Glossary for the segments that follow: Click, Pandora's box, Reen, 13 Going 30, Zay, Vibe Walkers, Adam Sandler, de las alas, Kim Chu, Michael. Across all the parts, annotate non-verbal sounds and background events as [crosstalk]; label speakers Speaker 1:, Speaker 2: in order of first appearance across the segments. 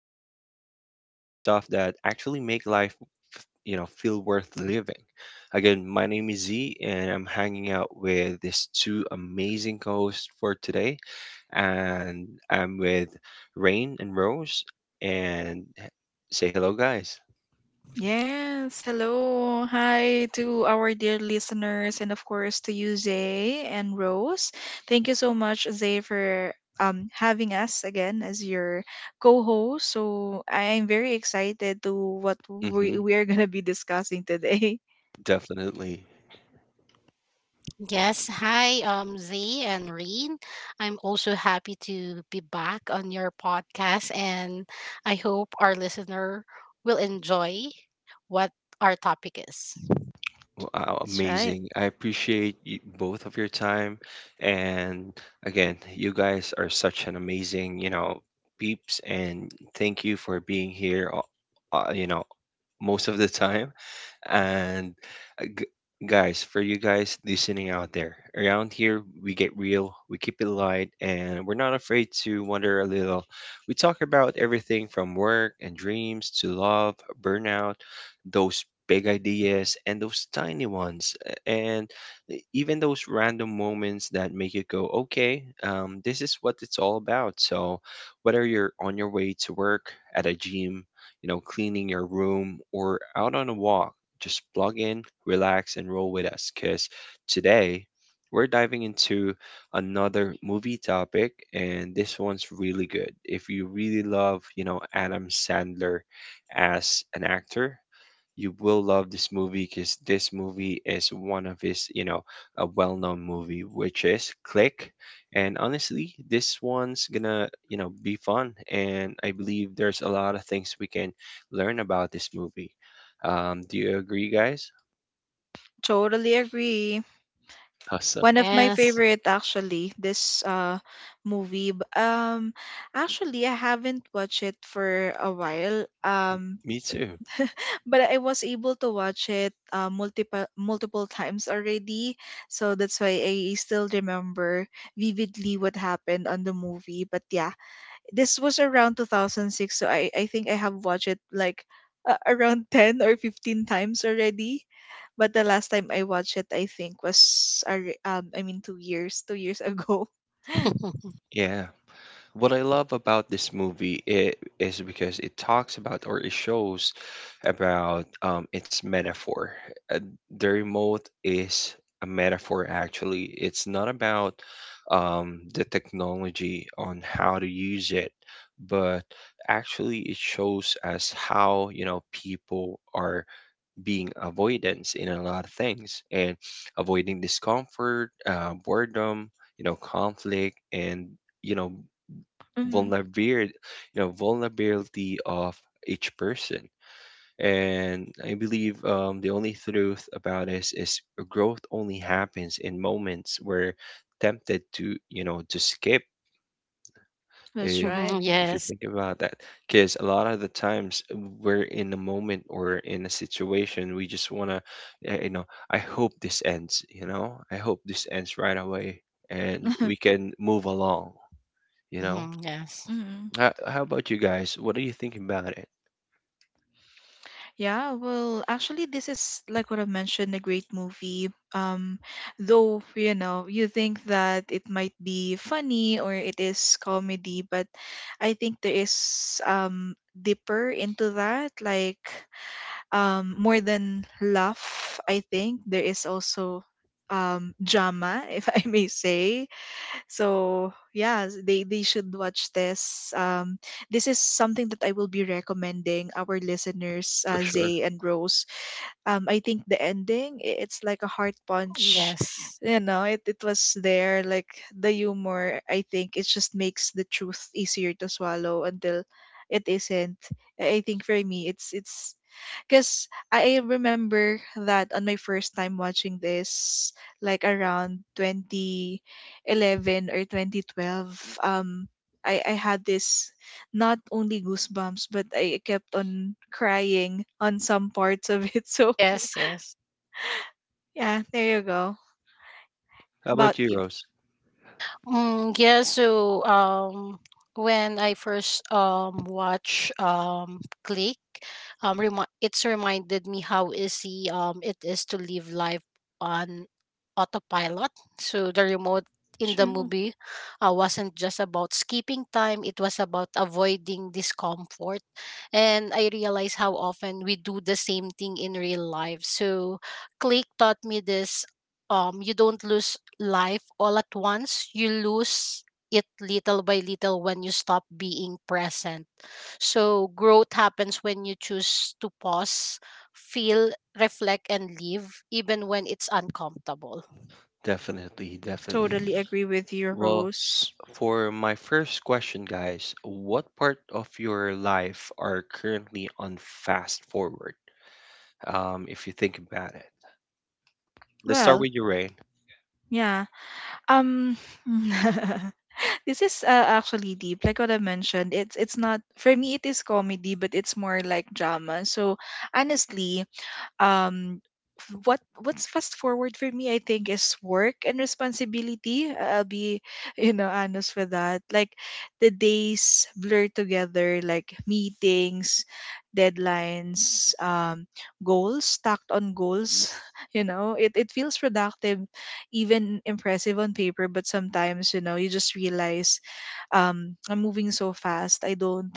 Speaker 1: out, and talk about the stuff that actually make life, feel worth living. Again, my name is Z, and I'm hanging out with these two amazing co-hosts for today, and I'm with Rain and Rose, and say hello, guys.
Speaker 2: Yes, hello. Hi to our dear listeners and of course to you, Zay and Rose. Thank you so much, Zay, for having us again as your co-host. So I am very excited to what
Speaker 1: Hmm,
Speaker 2: we are [laughs] gonna be discussing today. [laughs]
Speaker 1: definitely.
Speaker 3: Yes, hi, Zay and Reen. I'm also happy to be back on your podcast, and I hope our listener will enjoy what our topic is.
Speaker 1: Wow,
Speaker 2: That's right.
Speaker 1: amazing. I appreciate you, both of your time. And again, you guys are such an amazing peeps. And thank you for being here, most of the time. And uh, g- guys, for you guys listening out there, around here we get real, we keep it light, and we're not afraid to wonder a little. We talk about everything from work and dreams to love, burnout, those big ideas and those tiny ones, even those random moments that make you go okay this is what it's all about. So whether you're on your way to work, at a gym, cleaning your room, or out on a walk, just plug in, relax, and roll with us. Because today we're diving into another movie topic, and this one's really good. If you really love, Adam Sandler as an actor, you will love this movie because this movie is one of his a well-known movie, which is Click. And honestly, this one's gonna be fun. And I believe there's a lot of things we can learn about this movie. Do you agree, guys?
Speaker 2: Totally agree.
Speaker 1: Awesome.
Speaker 2: One of my
Speaker 3: Yes,
Speaker 2: favorite actually, this movie. Actually, I haven't watched it for a while.
Speaker 1: Me too.
Speaker 2: [laughs] But I was able to watch it multiple times already, so that's why I still remember vividly what happened on the movie. But yeah, this was around 2006, so I think I have watched it like around [laughs] 10 or 15 times already. But the last time I watched it, I think was I mean 2 years ago.
Speaker 3: [laughs]
Speaker 2: [laughs]
Speaker 1: Yeah. What I love about this movie is because it talks about or it shows about its metaphor. Uh, the remote is a metaphor, actually. It's not about the technology on how to use it, but actually, it shows us how, people are being avoidance in a lot of things and avoiding discomfort, boredom, conflict, and you know
Speaker 2: Mm,
Speaker 1: vulnerability, vulnerability of each person. And I believe the only truth about this is growth only happens in moments where tempted to, to skip.
Speaker 2: that's
Speaker 1: If,
Speaker 2: right.
Speaker 3: Mhm,
Speaker 1: if you
Speaker 3: yes.
Speaker 1: think about that, because a lot of the times we're in a moment or in a situation we just wanna, uh, you know, I hope this ends. You know, I hope this ends right away, and we
Speaker 2: [laughs]
Speaker 1: can move along. You know.
Speaker 3: Mhm, yes,
Speaker 2: Mm.
Speaker 1: How about you guys? What do you think about it?
Speaker 2: Yeah, well, actually, this is like what I mentioned, a great movie. Though, you know, you think that it might be funny or it is comedy, but I think there is deeper into that, like more than laugh, I think there is also drama, [laughs] if I may say. So yeah, they should watch this. This is something that I will be recommending our listeners,
Speaker 1: For sure.
Speaker 2: Zay and Rose. I think the ending it's like a heart punch.
Speaker 3: yes,
Speaker 2: You know, it was there. Like the humor, I think it just makes the truth easier to swallow until it isn't. I think for me, it's because I remember that on my first time watching this, like around 2011 or 2012, um, I had this not only goosebumps, but I kept on crying on some parts of it. [laughs] So
Speaker 3: yes, yes.
Speaker 2: yeah, there you go.
Speaker 1: How about
Speaker 2: About
Speaker 1: you,
Speaker 2: you.
Speaker 1: Rose?
Speaker 3: Yeah, so when I first watch Click, it's reminded me how easy it is to live life on autopilot. So the remote in the
Speaker 2: True.
Speaker 3: movie wasn't just about skipping time, it was about avoiding discomfort. And I realized how often we do the same thing in real life. So Click taught me this, you don't lose life all at once, you lose it little by little when you stop being present. So, growth happens when you choose to pause, feel, reflect, and live, even when it's uncomfortable.
Speaker 1: Definitely, definitely.
Speaker 2: Totally agree with you,
Speaker 1: Well,
Speaker 2: Rose.
Speaker 1: for my first question, guys, what part of your life are currently on fast forward? If you think about it, let's start
Speaker 2: Well,
Speaker 1: with you, Rain.
Speaker 2: yeah. Um, [laughs] this is actually deep. Like what I mentioned, it's not for me. It is comedy, but it's more like drama. So honestly, um what's fast forward for me, I think, is work and responsibility. I'll be [laughs] you know, honest with that. Like, the days blur together, like meetings, deadlines, goals stacked on goals. [laughs] You know, it feels productive, even impressive on paper, but sometimes, you know, you just realize, I'm moving so fast. I don't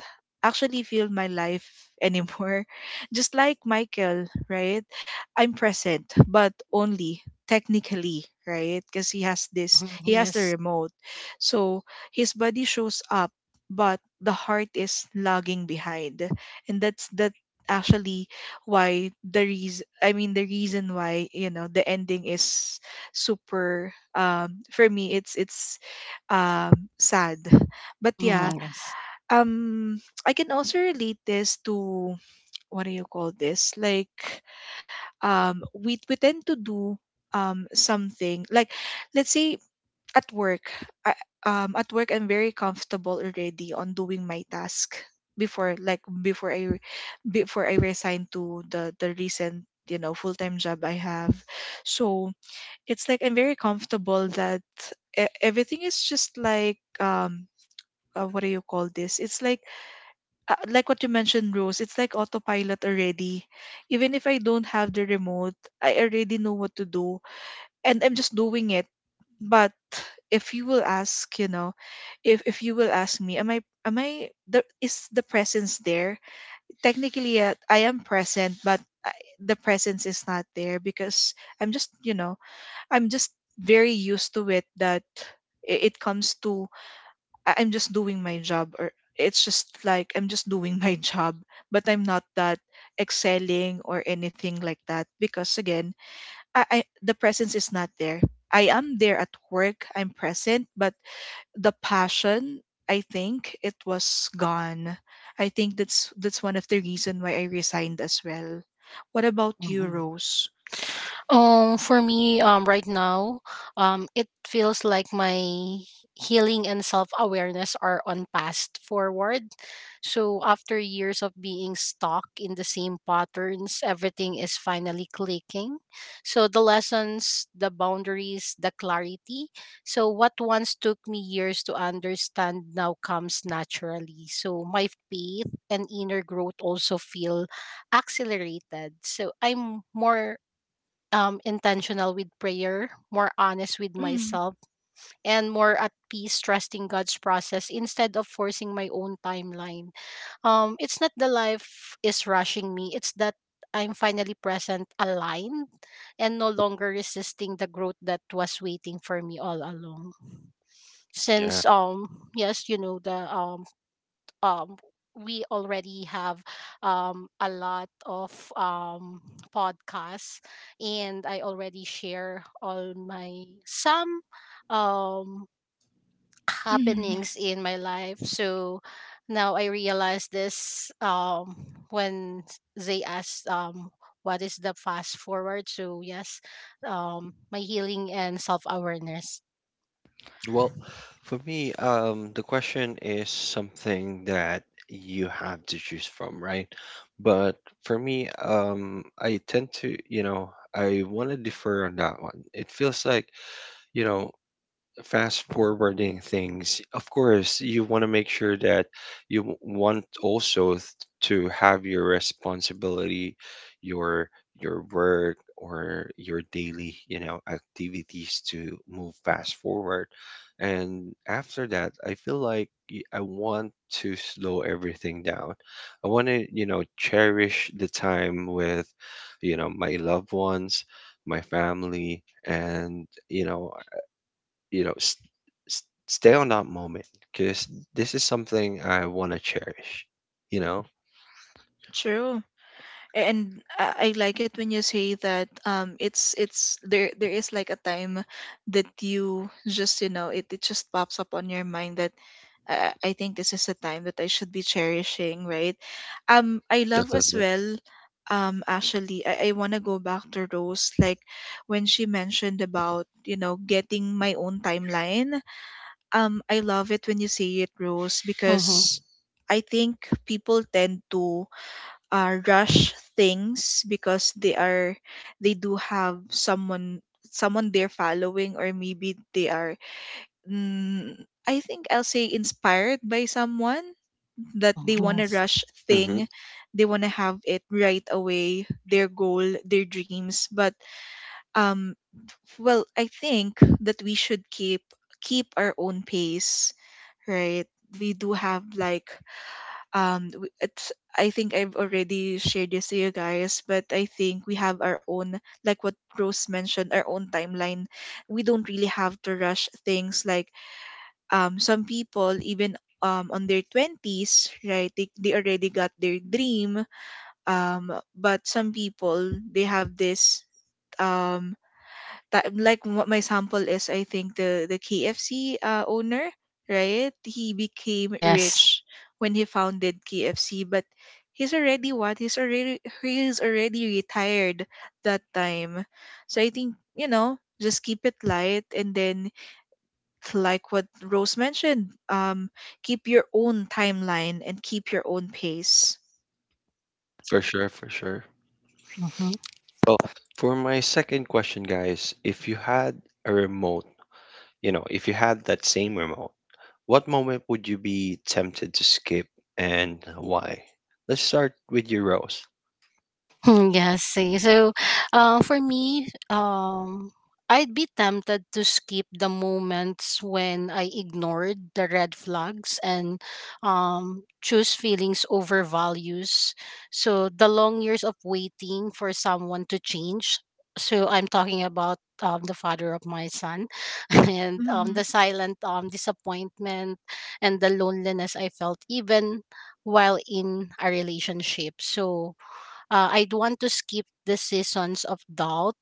Speaker 2: actually feel my life anymore. [laughs] Just like Michael, right? I'm present, but only technically, right? Because he has this, he
Speaker 3: Mhm,
Speaker 2: has the
Speaker 3: yes.
Speaker 2: remote. So his body shows up, but the heart is lagging behind. And that's that actually why the reason I mean the reason why, you know, the ending is super, for me, it's sad. But yeah,
Speaker 3: Mhm, yes.
Speaker 2: um, I can also relate this to, what do you call this? Like, we tend to do something like, let's say at work. I, at work, I'm very comfortable already on doing my task before, like, before I resign to the recent, you know, full-time job I have. So it's like I'm very comfortable that everything is just like what do you call this? It's like what you mentioned, Rose, it's like autopilot already. Even if I don't have the remote, I already know what to do and I'm just doing it. But if you will ask, you know, if you will ask me, am I the is the presence there? Technically, yeah, I am present, but I, the presence is not there because I'm just, you know, I'm just very used to it that it comes to I'm just doing my job, or it's just like I'm just doing [laughs] my job, but I'm not that excelling or anything like that because again, I the presence is not there. I am there at work, I'm present, but the passion, I think it was gone. I think that's one of the reason why I resigned as well. What about you, Rose?
Speaker 3: For me, right now, it feels like my healing and self awareness are on fast forward. So after years of being stuck in the same patterns, everything is finally clicking. So the lessons, the boundaries, the clarity. So what once took me years to understand now comes naturally. So my faith and inner growth also feel accelerated. So I'm more intentional with prayer, more honest with
Speaker 2: Mm,
Speaker 3: myself, and more at peace trusting God's process instead of forcing my own timeline. It's not the life is rushing me, it's that I'm finally present, aligned, and no longer resisting the growth that was waiting for me all along. Since yes, you know the um we already have a lot of podcasts, and I already share all my some um
Speaker 2: mm, yeah,
Speaker 3: happenings in my life. So now I realize this, when they asked, what is the fast forward? So yes, my healing and self awareness.
Speaker 1: Well, for me, the question is something that you have to choose from, right? But for me, I tend to, I want to defer on that one. It feels like, you know, fast forwarding things, of course, you want to make sure that want also to have your responsibility, your your work or your daily, activities to move fast forward. And after that, I feel like I want to slow everything down. I want to, cherish the time with, my loved ones, my family, and you know you know s s stay on that moment because this is something I want to cherish. You know,
Speaker 2: true. And I like it when you say that, it's there, there is like a time that you just, you know, it just pops up on your mind that I think this is a time that I should be cherishing, right? Um, I love as
Speaker 1: definitely.
Speaker 2: well, actually, I want to go back to Rose, like when she mentioned about, you know, getting my own timeline. Um, I love it when you say it, Rose,
Speaker 3: Mm-hmm.
Speaker 2: because I think people tend to rush things because they are, they do have someone, someone they're following, or maybe they are, mm, I think I'll say inspired by someone, that they want to
Speaker 3: Yes.
Speaker 2: rush
Speaker 1: Mm-hmm.
Speaker 2: thing, they want to have it right away, their goal, their dreams. But um well, I think that we should keep our own pace, right? We do have like, it's, I think I've already shared this to you guys, but I think we have our own, like what Rose mentioned, our own timeline. We don't really have to rush things. Like, some people, even on their 20s, right, they already got their dream. um but some people, they have this, um that, like what my sample is, I think the KFC owner, right? He became
Speaker 3: Yes.
Speaker 2: rich when he founded KFC, but he's already retired that time. So I think, you know, just keep it light, and then like what Rose mentioned, keep your own timeline and keep your own pace.
Speaker 1: For sure, for sure. Well, for my second question, guys, if you had a remote, you know, if you had that same remote, what moment would you be tempted to skip and why? Let's start with your Rose.
Speaker 3: Hmm, yes, see. So, for me, I'd be tempted to skip the moments when I ignored the red flags and, choose feelings over values. So, the long years of waiting for someone to change. So, I'm talking about, the father of my son, [laughs] and,
Speaker 2: Mhm.
Speaker 3: the silent, disappointment and the loneliness I felt even while in a relationship. So, I'd want to skip the seasons of doubt,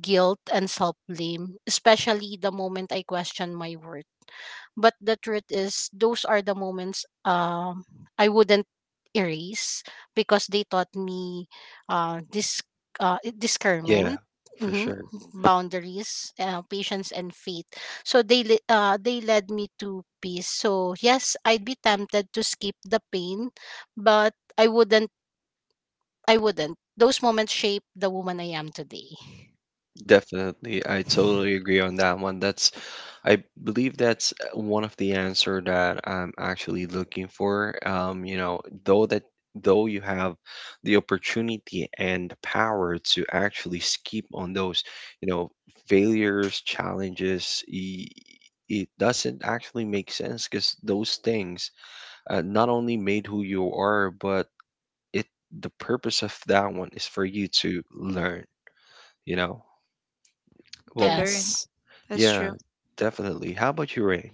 Speaker 3: guilt, and self blame, especially the moment I question my worth. But the truth is, those are the moments, I wouldn't erase because they taught me, this,
Speaker 1: Yeah,
Speaker 3: discernment.
Speaker 1: for
Speaker 3: Mhm,
Speaker 1: sure.
Speaker 3: boundaries, patience and faith, so they led me to peace. So yes, I'd be tempted to skip the pain, but I wouldn't. Those moments shape the woman I am today.
Speaker 1: Definitely, I totally agree on that one. That's, I believe that's one of the answer that I'm actually looking for. You know, though that though you have the opportunity and the power to actually skip on those, you know, failures, challenges, it doesn't actually make sense because those things not only made who you are, but it the purpose of that one is for you to learn, you know.
Speaker 2: To
Speaker 1: Well,
Speaker 2: learn,
Speaker 3: Yes.
Speaker 2: that's —
Speaker 1: yeah, definitely. How about you, Rain?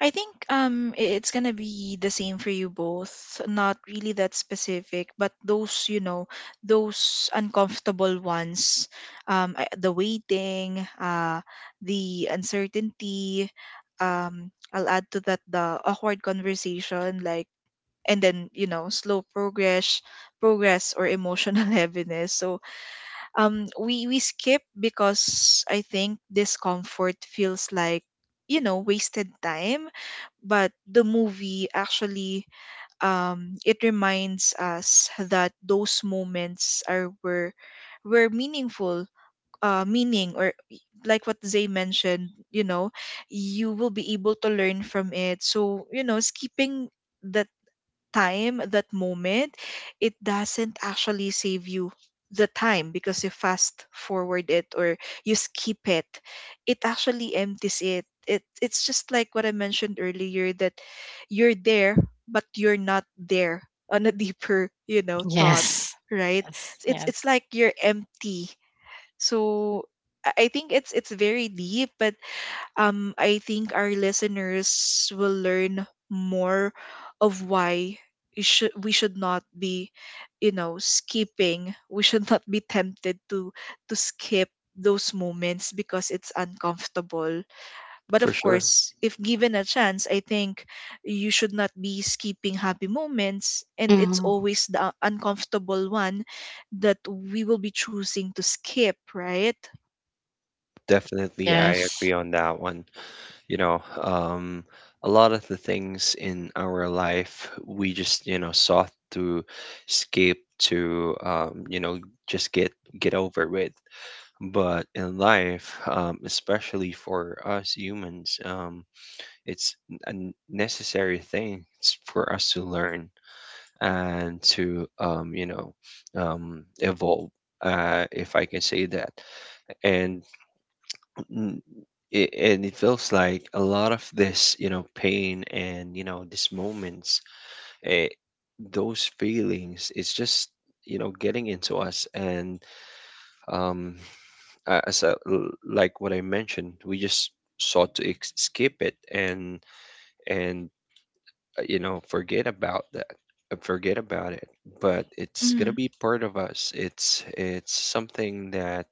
Speaker 2: I think it's gonna be the same for you both. Not really that specific, but those, you know, those uncomfortable ones, the waiting, the uncertainty. I'll add to that the awkward conversation, like, and then, you know, slow progress, progress or emotional [laughs] heaviness. So we skip because I think discomfort feels like, you know, wasted time, but the movie actually, it reminds us that those moments are, were meaningful, uh meaning or y- like what Zay mentioned, you know, you will be able to learn from it. So, you know, skipping the time, that moment, it doesn't actually save you the time because you fast forward it or you skip it. It actually empties it. It's just like what I mentioned earlier, that you're there but you're not there on a [laughs] deeper, you know, thought,
Speaker 3: Yes.
Speaker 2: right?
Speaker 3: Yes.
Speaker 2: It's
Speaker 3: Yes.
Speaker 2: like you're empty. So I think it's very deep, but I think our listeners will learn more of why you should, we should not be, you know, skipping. We should [laughs] not be tempted to skip those moments because it's uncomfortable. But
Speaker 1: For
Speaker 2: of
Speaker 1: sure.
Speaker 2: course, if given a chance, I think you should not be skipping happy moments, and it's
Speaker 3: Hmm,
Speaker 2: always the uncomfortable one that we will be choosing to skip, right?
Speaker 1: Definitely, I agree
Speaker 3: yes.
Speaker 1: on that one. You know, a lot of the things in our life, we just, sought to escape to, just get over with. But in life, especially for us humans, it's a necessary thing for us to learn and to evolve, if I can say that. And n- it, and it feels like a lot of this you know pain and you know these moments, eh, those feelings, it's just you know getting into us and um, as like what I mentioned, we just sought to skip it and you know forget about that, forget about it, but it's gonna
Speaker 2: Mm-hmm.
Speaker 1: be part of us. It's something that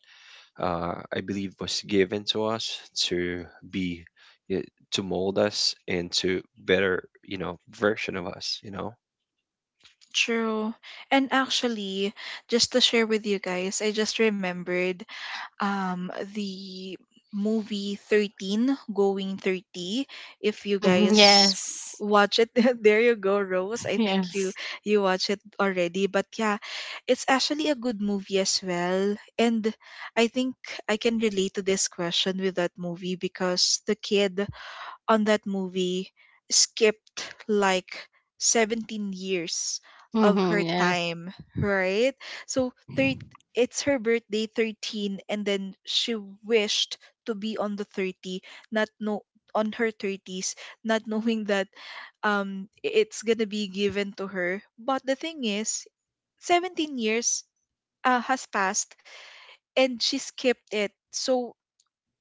Speaker 1: I believe was given to us to be y- to mold us into better you know version of us you know.
Speaker 2: True. And actually, just to share with you guys, I just remembered the movie 13 Going 30. If you
Speaker 3: Hmm,
Speaker 2: guys
Speaker 3: yes.
Speaker 2: watch it, [laughs] there you go, Rose, I think you,
Speaker 3: Yes.
Speaker 2: you watch it already. But yeah, it's actually a good movie as well. And I think I can relate to this question with that movie because the kid on that movie skipped like 17 years of
Speaker 3: Hmm,
Speaker 2: her
Speaker 3: yes.
Speaker 2: time, right? So it's her birthday, 13, and then she wished to be on the 30, not know on her 30s, not [laughs] knowing that it's going to be given to her. But the thing is, 17 years has passed and she skipped it. So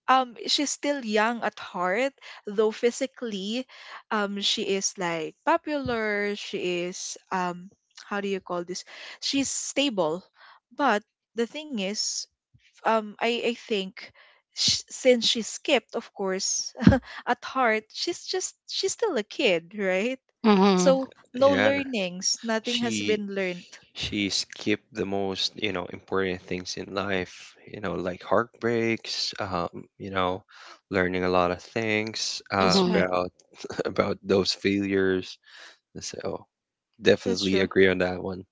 Speaker 2: she's still young at heart, though physically, she is like popular, she is, how do you call this, she's stable. But the thing is, I think since she skipped, of course, [laughs] at heart, she's still a kid, right?
Speaker 3: Hmm,
Speaker 2: So no
Speaker 1: Yeah,
Speaker 2: learnings, nothing has
Speaker 1: she
Speaker 2: been learned.
Speaker 1: she skipped the most you know important things in life you know like heartbreaks you know learning a lot of things
Speaker 2: That's
Speaker 3: hmm,
Speaker 2: right.
Speaker 1: about those failures. So
Speaker 2: That's
Speaker 1: definitely
Speaker 2: true.
Speaker 1: agree on that one.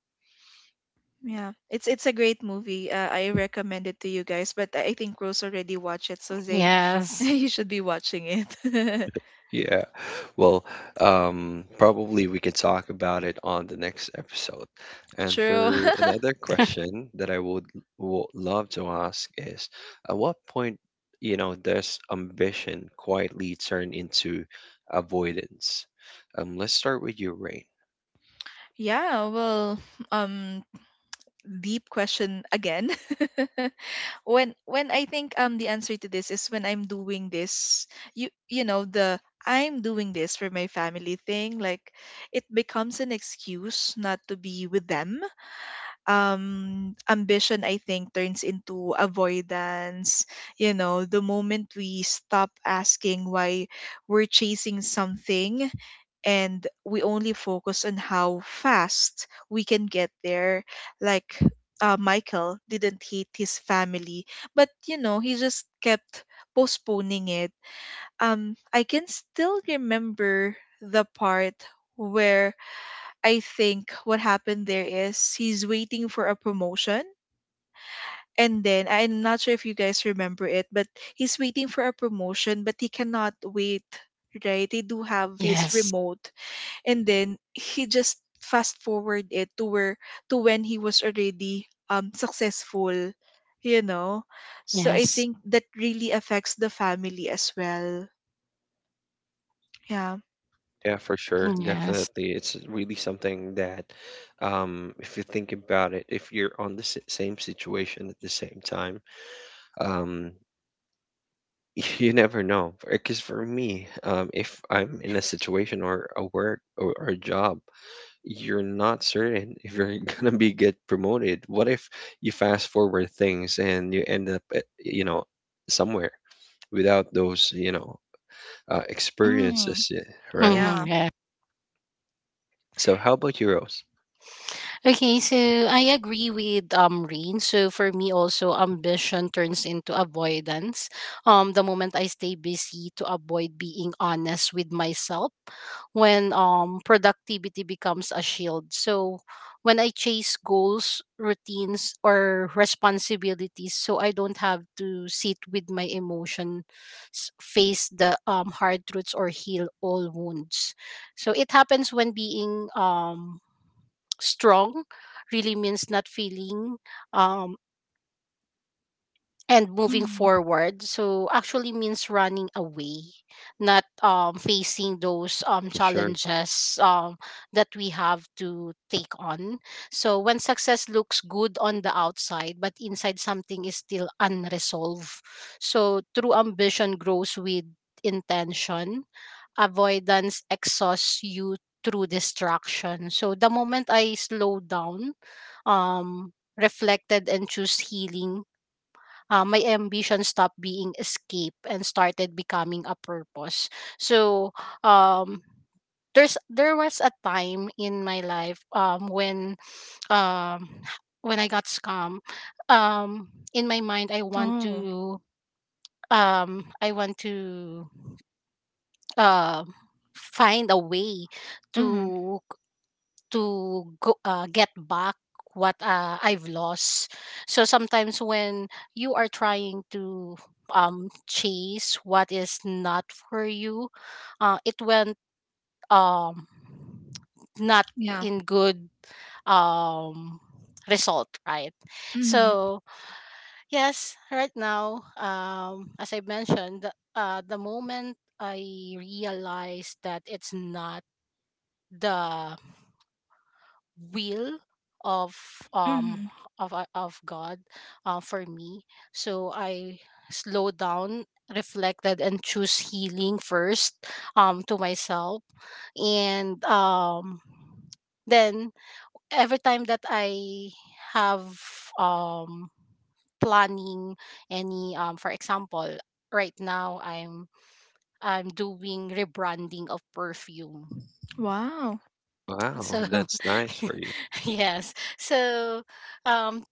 Speaker 2: Yeah, it's a great movie. I recommend it to you guys, but I think Rose already watched it, so they [laughs]
Speaker 3: yes.
Speaker 2: you should be watching it. [laughs]
Speaker 1: Yeah. Well, probably we could talk about it on the next episode. And
Speaker 2: True. [laughs]
Speaker 1: for another
Speaker 3: [laughs]
Speaker 1: question that I would love to ask is, at what point, does ambition quietly turn into avoidance? Let's start with you, Rain.
Speaker 2: Yeah. Well, um, deep question again. [laughs] When I think the answer to this is when I'm doing this, you know, the I'm doing this for my family thing, like it becomes an excuse not to be with them. Ambition, I think, turns into avoidance, you know, the moment we stop asking why we're chasing something, and we only focus on how fast we can get there. Like, Michael didn't hate his family, but, you know, he just kept postponing it. I can still remember the part where I think what happened there is he's waiting for a promotion. And then I'm not sure if you guys remember it, but he's waiting for a promotion, but he cannot wait, right? They do have this
Speaker 3: Yes.
Speaker 2: remote. And then he just fast forward it to where to when he was already successful, you know. So I
Speaker 3: Yes.
Speaker 2: think that really affects the family as well. Yeah.
Speaker 1: Yeah, for sure.
Speaker 3: Yes.
Speaker 1: Definitely. It's really something that, if you think about it, if you're on the same situation at the same time, um, [laughs] you never know. Because for me, if I'm in a situation or a work or a job, you're not certain if you're [laughs] gonna be get promoted. What if you fast forward things and you end up, at, somewhere without those,
Speaker 2: Mm.
Speaker 1: experiences, yeah, right?
Speaker 2: Yeah.
Speaker 3: Hmm, yes.
Speaker 1: So how about you, Rose?
Speaker 3: Okay, so I agree with Rain. So for me also ambition turns into avoidance. The moment I stay busy to avoid being honest with myself, when productivity becomes a shield. So when I chase goals, routines or responsibilities so I don't have to sit with my emotions, face the hard truths or heal all wounds. So it happens when being strong really means not feeling, um, and moving
Speaker 2: Mm.
Speaker 3: forward so actually means running away, not facing those
Speaker 1: For sure.
Speaker 3: challenges that we have to take on. So when success looks good on the outside but inside something is still unresolved, so true ambition grows with intention. Avoidance exhausts you through distraction. So the moment I slow down, reflected and choose healing, my ambition stopped being escape and started becoming a purpose. So, um, there was a time in my life, when, um, when I got scammed. Um, in my mind,
Speaker 2: Oh.
Speaker 3: I want to uh, find a way
Speaker 2: Mm.
Speaker 3: to to get back what, I've lost. So sometimes when you are trying to, chase what is not for you, it went, um, not
Speaker 2: Yeah.
Speaker 3: in good, um, result, right?
Speaker 2: Mm.
Speaker 3: So yes, right now, as I mentioned, the moment I realized that it's not the will of um
Speaker 2: Mhm.
Speaker 3: of God, for me. So I slow down, reflected, and choose healing first, to myself, and then, every time that I have um planning any, for example, right now I'm doing rebranding of perfume.
Speaker 2: Wow.
Speaker 1: Wow,
Speaker 3: So,
Speaker 1: that's nice for you.
Speaker 3: [laughs] yes. So, um,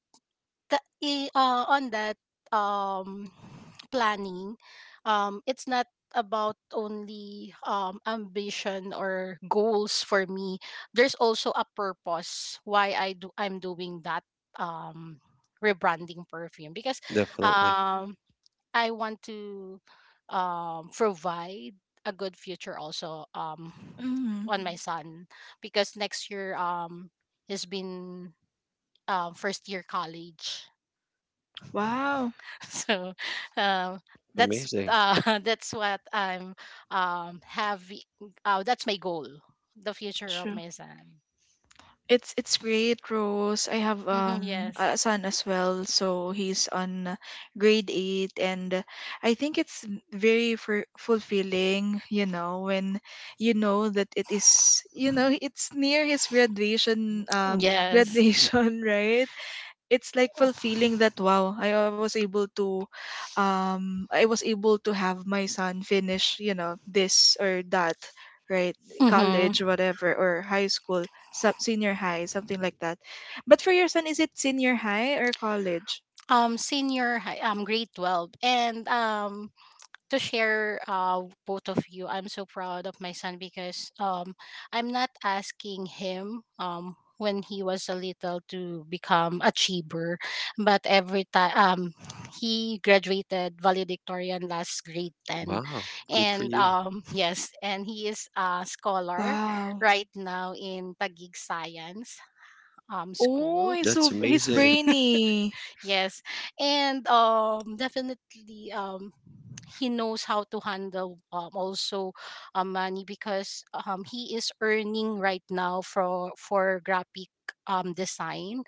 Speaker 3: on that, um, planning, it's not about only, ambition or goals for me. There's also a purpose why I'm doing that, um, rebranding perfume, because,
Speaker 1: Definitely.
Speaker 3: um, I want to, provide a good future also,
Speaker 2: Mhm.
Speaker 3: on my son, because next year, he's been, first year college.
Speaker 2: Wow.
Speaker 3: [laughs] So, um, that's
Speaker 1: Amazing.
Speaker 3: [laughs] that's what I'm, have. That's my goal, the future of
Speaker 2: True.
Speaker 3: my son.
Speaker 2: It's great, Rose. I have
Speaker 3: Mhm, yes,
Speaker 2: a son as well, so he's on grade eight, and I think it's very fur fulfilling, you know, when you know that it is, you know, it's near his graduation, [laughs]
Speaker 3: yes.
Speaker 2: graduation, right? It's like fulfilling that, wow, I was able to I was able to have my son finish, you know, this or that, right?
Speaker 3: Mm-hmm.
Speaker 2: College, whatever, or high school, sub senior high, something like that. But for your son, is it senior high or college?
Speaker 3: Senior high, grade 12, and, to share, both of you, I'm so proud of my son because I'm not asking him, when he was a little, to become a achiever, but every time, he graduated valedictorian last grade 10,
Speaker 1: Wow, good for
Speaker 3: and
Speaker 1: you.
Speaker 3: yes, and he is a scholar
Speaker 2: Wow.
Speaker 3: right now in Tagig Science
Speaker 2: Oh,
Speaker 3: school.
Speaker 2: he's, so
Speaker 1: That's
Speaker 2: he's
Speaker 1: amazing.
Speaker 2: brainy.
Speaker 3: Yes. And definitely, he knows how to handle also, money because he is earning right now for graphic, design.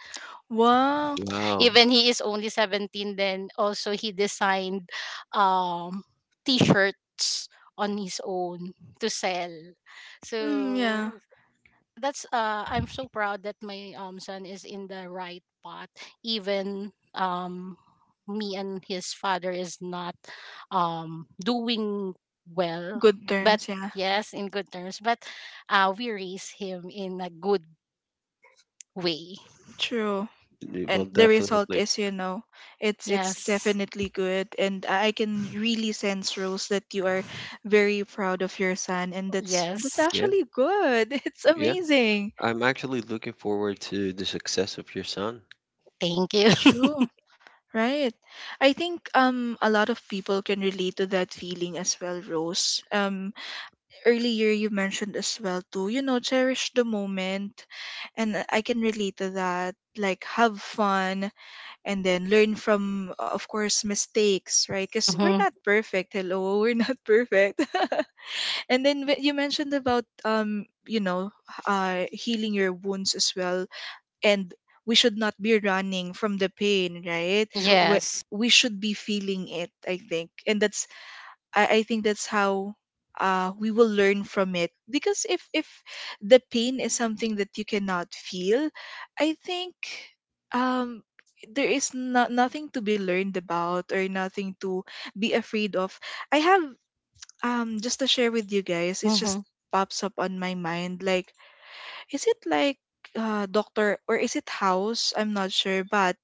Speaker 2: Wow.
Speaker 1: Wow.
Speaker 3: Even he is only 17, then also he designed um t-shirts on his own to sell.
Speaker 2: Mm, yeah.
Speaker 3: So that's, I'm so proud that my son is in the right path, even me and his father is not doing well,
Speaker 2: Good
Speaker 3: but
Speaker 2: terms, yeah.
Speaker 3: yes, in good terms, but we raise him in a good way.
Speaker 2: True.
Speaker 1: Well,
Speaker 2: And the result
Speaker 1: definitely.
Speaker 2: is, you know, it's
Speaker 3: Yes.
Speaker 2: definitely good, and I can really sense, Rose, that you are very proud of your son, and that's
Speaker 3: Yes.
Speaker 1: Yeah,
Speaker 2: actually good. [laughs] It's
Speaker 1: yeah.
Speaker 2: amazing.
Speaker 1: I'm actually looking forward to the success of your son.
Speaker 3: Thank you.
Speaker 2: True. Right. I think a lot of people can relate to that feeling as well, Rose. Earlier you mentioned as well to, you know, cherish the moment, and I can relate to that. Like have fun, and then learn from, of course, mistakes, right?
Speaker 3: [laughs]
Speaker 2: Because we're
Speaker 3: Mhm,
Speaker 2: not perfect, hello, we're not [laughs] perfect. [laughs] And then you mentioned about, you know, healing your wounds as well, and we should not be running from the pain, right? we,
Speaker 3: yes.
Speaker 2: we should be feeling it, I think, and that's, I think that's how, we will learn from it. Because if the pain is something that you cannot feel, I think um there is not nothing to be learned about, or nothing to be afraid of. I have, just to share with you guys, it just
Speaker 3: Mhm,
Speaker 2: pops up on my mind, like, is it like, Doctor, or is it House? I'm not sure, but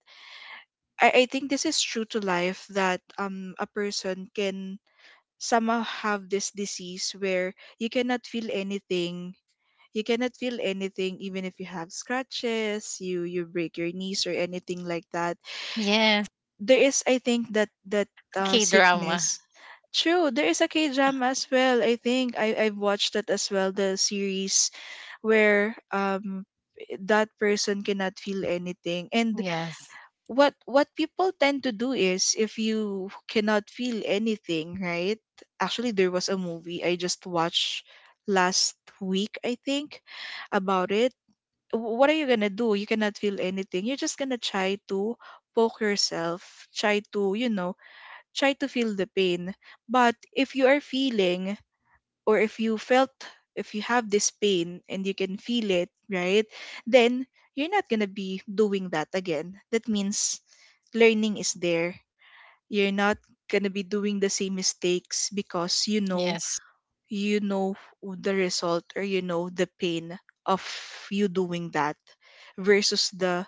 Speaker 2: I think this is true to life, that a person can somehow have this disease where you cannot feel anything. You cannot feel anything, even if you have scratches, you break your knees, or anything like that.
Speaker 3: yes.
Speaker 2: There is, I think that
Speaker 3: K drama.
Speaker 2: sickness. True, there is a K drama as well, I think, I've watched that as well, the series where that person cannot feel anything. And
Speaker 3: Yes,
Speaker 2: what people tend to do is, if you cannot feel anything, right? Actually, there was a movie I just watched last week, I think, about it. What are you gonna do? You cannot feel anything, you're just gonna try to poke yourself, try to, you know, try to feel the pain. But if you are feeling, or if you felt, if you have this pain and you can feel it, right? Then you're not going to be doing that again. That means learning is there. You're not going to be doing the same mistakes, because you know,
Speaker 3: yes.
Speaker 2: you know the result, or you know the pain of you doing that, versus the,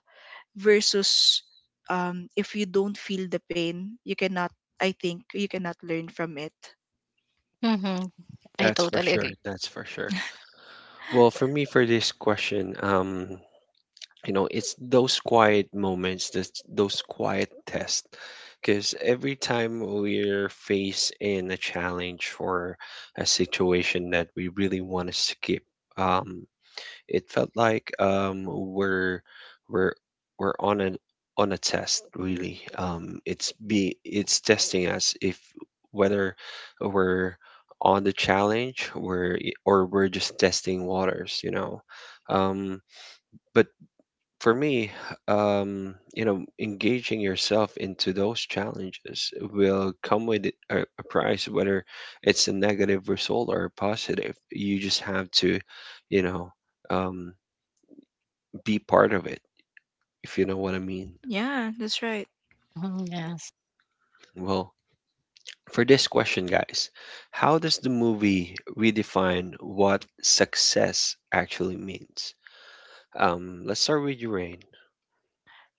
Speaker 2: versus, if you don't feel the pain, you cannot, I think you cannot learn from it.
Speaker 3: Mhm. I
Speaker 1: That's for
Speaker 3: totally
Speaker 1: sure.
Speaker 3: agree.
Speaker 1: That's for sure. Well, for me, for this question, you know it's those quiet tests because every time we're faced in a challenge or a situation that we really want to skip, um, it felt like we're we're we're on an on a test really. It's be it's testing us if whether we're on the challenge, we're, or we're just testing waters you know. um, but for me, you know, engaging yourself into those challenges will come with a price, whether it's a negative result or a positive. You just have to, you know, um, be part of it, if you know what I mean.
Speaker 2: Yeah, that's right.
Speaker 3: Mhm, yes.
Speaker 1: Well, for this question, guys, how does the movie redefine what success actually means? Let's start with you, Rain.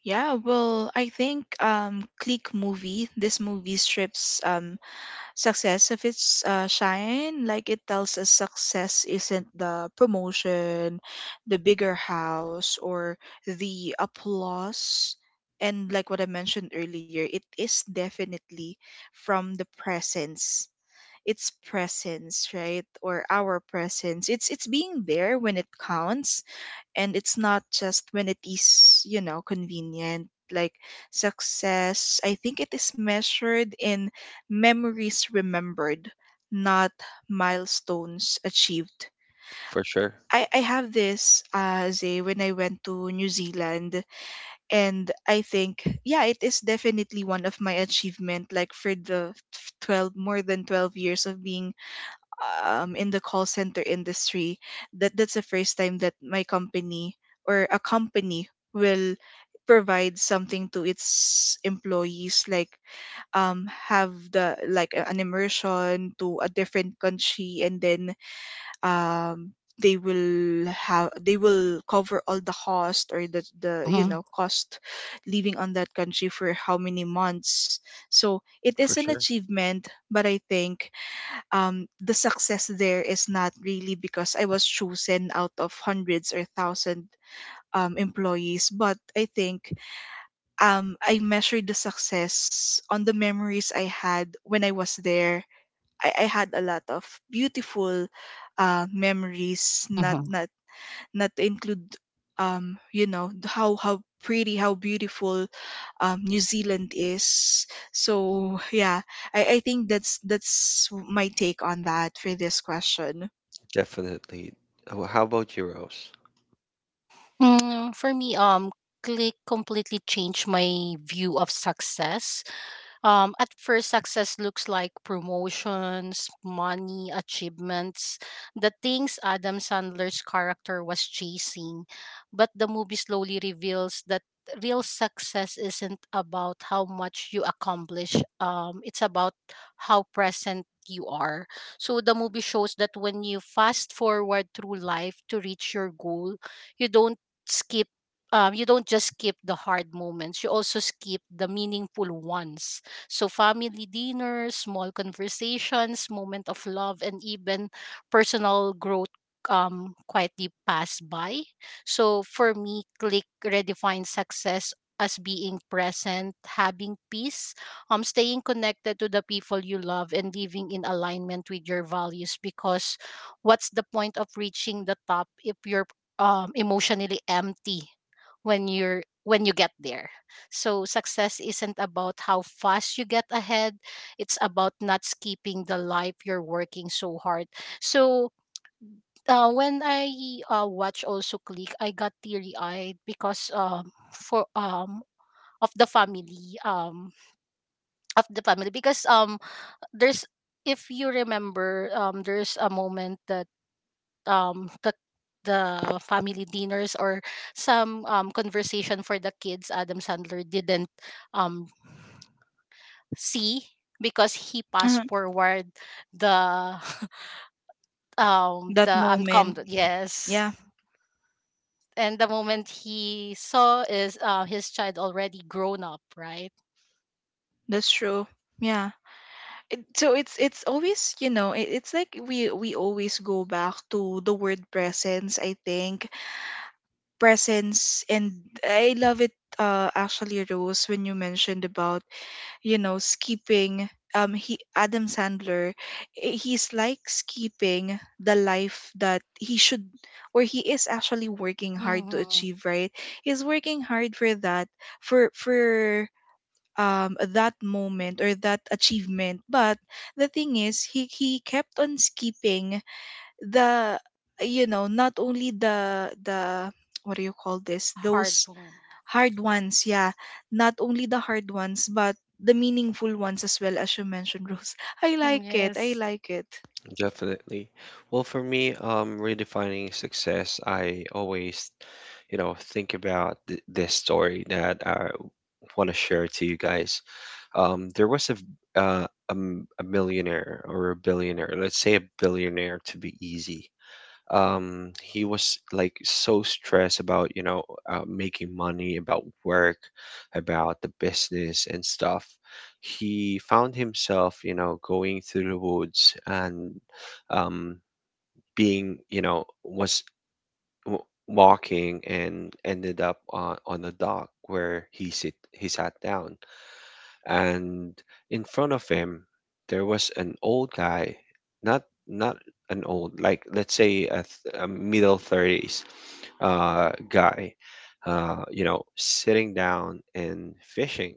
Speaker 2: Yeah, well, I think Click movie, this movie strips success of its shine. Like, it tells us success isn't the promotion, the bigger house, or the applause. And like what I mentioned earlier, it is definitely from the presence. It's presence, right? Or our presence. It's being there when it counts, and it's not just when it is, you know, convenient. Like, success, I think, it is measured in memories remembered, not milestones achieved.
Speaker 1: For sure,
Speaker 2: I have this, Zay, when I went to New Zealand, and I think, yeah, it is definitely one of my achievement. Like, for the 12, more than 12 years of being in the call center industry, that that's the first time that my company, or a company, will provide something to its employees, like have the like an immersion to a different country, and then um, they will have, they will cover all the cost, or the, you
Speaker 3: Mhm.
Speaker 2: know, cost living on that country for how many months. So it is
Speaker 1: for
Speaker 2: an
Speaker 1: sure,
Speaker 2: achievement, but I think the success there is not really because I was chosen out of hundreds or thousand employees, but I think I measured the success on the memories I had when I was there. I had a lot of beautiful memories, not
Speaker 3: Mhm.
Speaker 2: not not to include you know, how pretty, how beautiful New Zealand is. So [laughs] yeah, I think that's my take on that for this question.
Speaker 1: definitely. How about you, Rose?
Speaker 3: Mm, for me, Click completely changed my view of success. At first, success looks like promotions, money, achievements, the things Adam Sandler's character was chasing. But the movie slowly reveals that real success isn't about how much you accomplish, it's about how present you are. So the movie shows that when you fast forward through life to reach your goal, you don't skip you don't just skip the hard moments, you also skip the meaningful ones. So family dinners, small conversations, moment of love, and even personal growth, quietly pass by. So for me, Click redefines success as being present, having peace, staying connected to the people you love and living in alignment with your values, because what's the point of reaching the top if you're emotionally empty when you're when you get there? So success isn't about how fast you get ahead, it's about not skipping the life you're working so hard. So when I, watch also Click, I got teary eyed because, for of the family, of the family, because there's if you remember, there's a moment that, um the the family dinners or some conversation for the kids Adam Sandler didn't, um C, because he passed
Speaker 2: Uh-huh.
Speaker 3: forward the, [laughs]
Speaker 2: That
Speaker 3: the
Speaker 2: moment.
Speaker 3: uncommon, yes.
Speaker 2: Yeah.
Speaker 3: And the moment he saw is, his child already grown up, right.
Speaker 2: That's true. Yeah. So it's always, you know, it's like we always go back to the word presence, I think. Presence, and I love it. Actually, Rose, when you mentioned about, you know, skipping he Adam Sandler, he's like skipping the life that he should, or he is actually working hard to
Speaker 3: Mm-hmm.
Speaker 2: achieve, right? He's working hard for that, for that moment or that achievement, but the thing is, he kept on skipping the, you know, not only the, what do you call this,
Speaker 3: Hard.
Speaker 2: those, hard ones, yeah. Not only the hard ones, but the meaningful ones as well, as you mentioned, Rose. [laughs] I
Speaker 3: Mm,
Speaker 2: like it. I
Speaker 3: yes.
Speaker 2: like it.
Speaker 1: Definitely. Well, for me, redefining success, I always, think about th this story that I want to share to you guys. There was a millionaire or a billionaire, let's say a billionaire to be easy. He was like so stressed about you know making money, about work, about the business and stuff. He found himself you know going through the woods and um being you know w- walking and ended up on a dock where he sat down, and in front of him there was an old guy, not not an old, like let's say a middle 30s guy, you know sitting down and fishing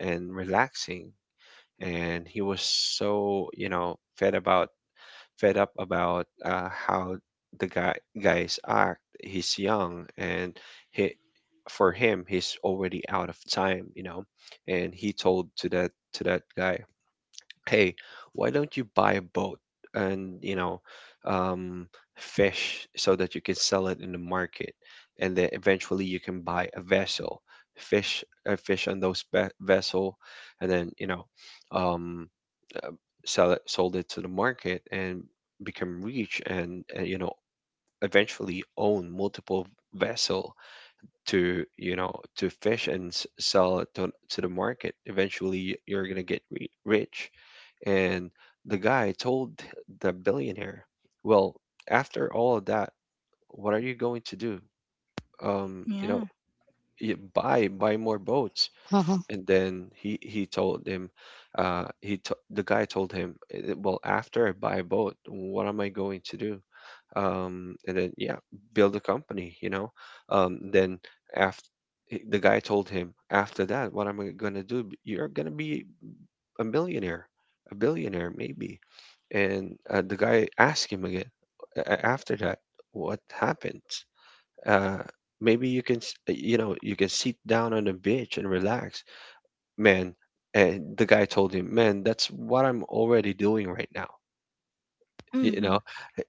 Speaker 1: and relaxing. And he was so you know fed up about how the guy guys act. He's young and he for him he's already out of time you know. And he told to that guy, "Hey, why don't you buy a boat and, um, fish so that you can sell it in the market, and then eventually you can buy a vessel, fish, fish on those vessel, and then, um, sell it, sold it to the market and become rich, and, eventually own multiple vessel to, to fish and sell it to the market. Eventually you're gonna get rich." And the guy told the billionaire, "Well, after all of that, what are you going to do? Um, you know,
Speaker 2: Yeah.
Speaker 1: you buy more boats."
Speaker 3: Mm-hmm.
Speaker 1: And then he told him, he to the guy told him, "Eh, well, after I buy a boat, what am I going to do?" And then yeah, build a company. Then after. The guy told him, after that, what am I gonna do? You're gonna be a millionaire, a billionaire maybe. And the guy asked him again after that, what happened? Uh, Maybe you can, you can sit down on the beach and relax, man. And the guy told him, man, that's what I'm already doing right now. Y- You
Speaker 2: Mm-hmm.
Speaker 1: know,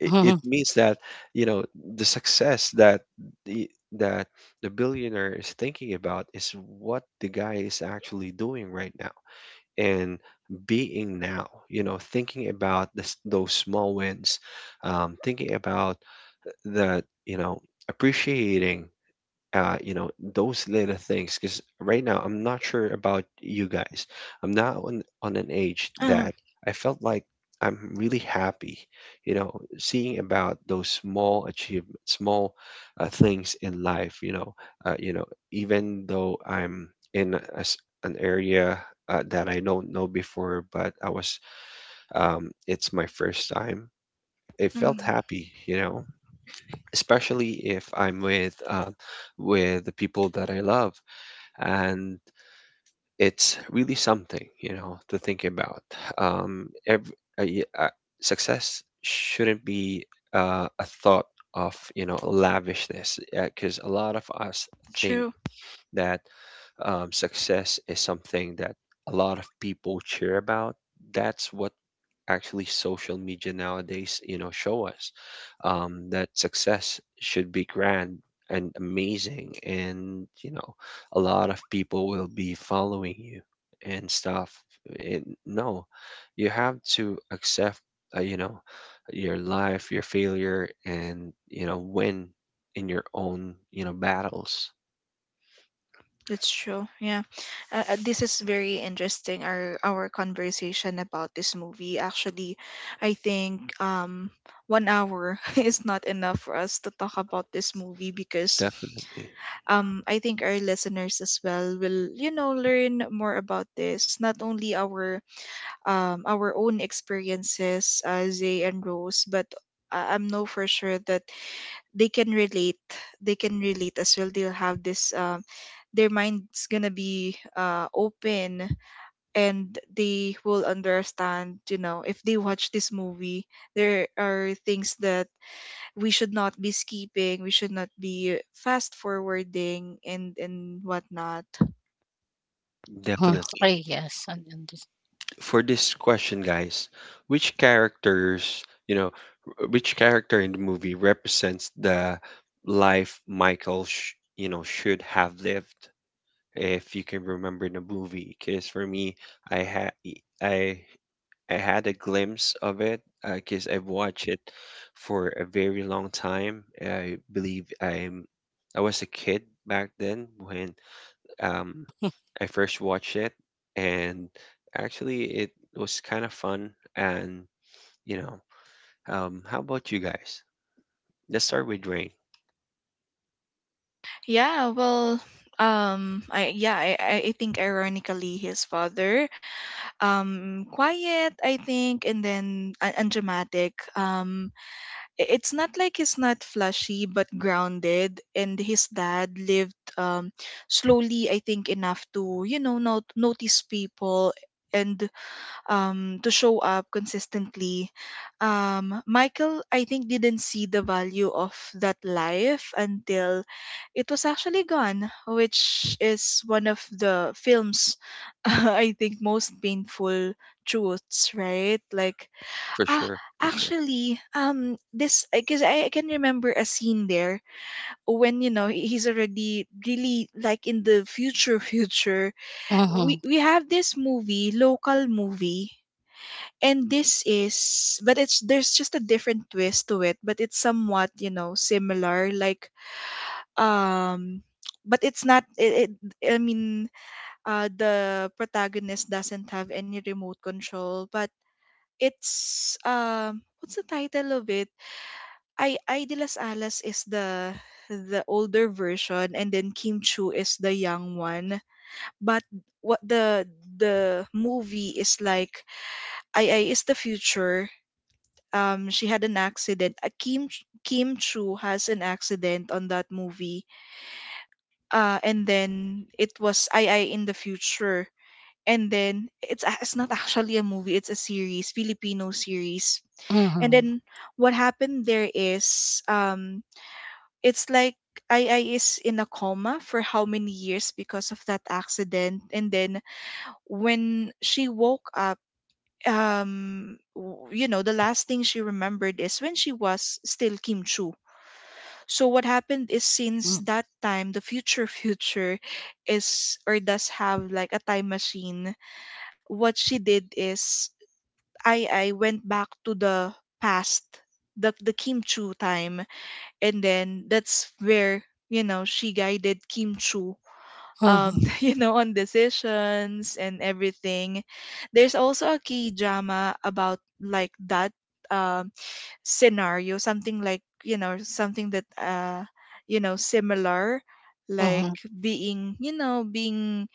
Speaker 1: it, it
Speaker 3: [laughs]
Speaker 1: means that, you know, the success that the that the billionaire is thinking about is what the guy is actually doing right now, and being now, you know, thinking about this, those small wins, thinking about that, you know, appreciating those little things. Because right now, I'm not sure about you guys. I'm not on an age
Speaker 2: Uh-huh.
Speaker 1: that I felt like I'm really happy, you know, seeing about those small achievements, small things in life. Uh, you know, even though I'm in a s an area that I don't know before, but I was, it's my first time. It felt
Speaker 2: Hmm.
Speaker 1: happy, you know, especially if I'm with the people that I love, and it's really something, you know, to think about. Um, every, uh, y- uh, success shouldn't be a thought of, you know, lavishness, because a lot of us think
Speaker 2: True.
Speaker 1: that success is something that a lot of people cheer about. That's what actually social media nowadays, you know, show us, that success should be grand and amazing, and you know, a lot of people will be following you and stuff. And no, you have to accept, you know, your life, your failure, and you know, win in your own, you know, battles.
Speaker 2: That's true. Yeah. This is very interesting. Our conversation about this movie. Actually, I think 1 hour [laughs] is not enough for us to talk about this movie, because
Speaker 1: Definitely,
Speaker 2: I think our listeners as well will, you know, learn more about this. Not only our own experiences, Zay and Rose, but I'm know for sure that they can relate. They can relate as well. They'll have this, their mind's gonna be open, and they will understand, you know, if they watch this movie, there are things that we should not be skipping, we should not be fast forwarding, and whatnot.
Speaker 3: Mm-hmm.
Speaker 1: definitely.
Speaker 3: Ay, yes, and this-
Speaker 1: For this question, guys, which characters, you know, which character in the movie represents the life Michael, you know, should have lived? If you can remember the movie, because for me, I had I I had a glimpse of it, because I've watched it for a very long time. I believe I was a kid back then when um, I first watched it, and actually, it was kind of fun. And you know, how about you guys? Let's start with Rain,
Speaker 2: Yeah, well, I yeah, I think ironically his father, quiet, I think, and then and dramatic. It's not like he's not flashy but grounded, and his dad lived slowly, I think, enough to, you know, not notice people, and to show up consistently. Michael, I think, didn't see the value of that life until it was actually gone, which is one of the film's, [laughs] I think, most painful truths, right? Like,
Speaker 1: for
Speaker 2: ah,
Speaker 1: sure, for sure.
Speaker 2: actually, this, because I can remember a scene there when, you know, he's already really like in the future, [laughs] future. We,
Speaker 3: Mhm,
Speaker 2: we have this movie, local movie, and this is, but it's, there's just a different twist to it, but it's somewhat, you know, similar. Like um but it's not it, I mean the protagonist doesn't have any remote control, but it's what's the title of it? I De Las Alas is the older version, and then Kim Chu is the young one. But what the movie is like, I is the future, she had an accident. Kim Chu has an accident on that movie. Uh, and then it was I in the future. And then it's it's not actually a movie, it's a series, Filipino series. And
Speaker 3: mhm,
Speaker 2: then what happened there is it's like I is in a coma for how many years because of that accident. And then when she woke up, you know, the last thing she remembered is when she was still Kim Chu. So what happened is, since
Speaker 3: mm,
Speaker 2: that time, the future [laughs] future is, or does have, like a time machine. What she did is, I went back to the past, the Kim Chu time, and then that's where, you know, she guided Kim Chu. Um,
Speaker 3: mhm,
Speaker 2: [laughs] you know, on decisions and everything. There's also a key drama about like that um scenario, something like something that similar, like
Speaker 3: mhm.
Speaker 2: being being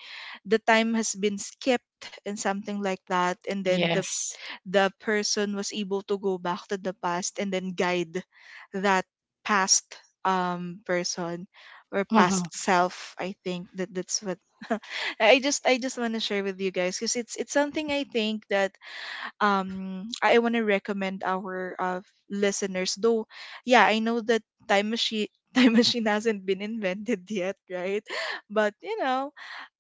Speaker 2: the time has been skipped and something like that. And then
Speaker 3: Yes.
Speaker 2: the person was able to go back to the past and then guide that past person, or past
Speaker 3: Mm-hmm.
Speaker 2: self. I think that's what. [laughs] I just want to share with you guys because it's something I think that I want to recommend our listeners, though. Yeah, I know that time machine [laughs] time machine hasn't been invented yet, right? [laughs] but you know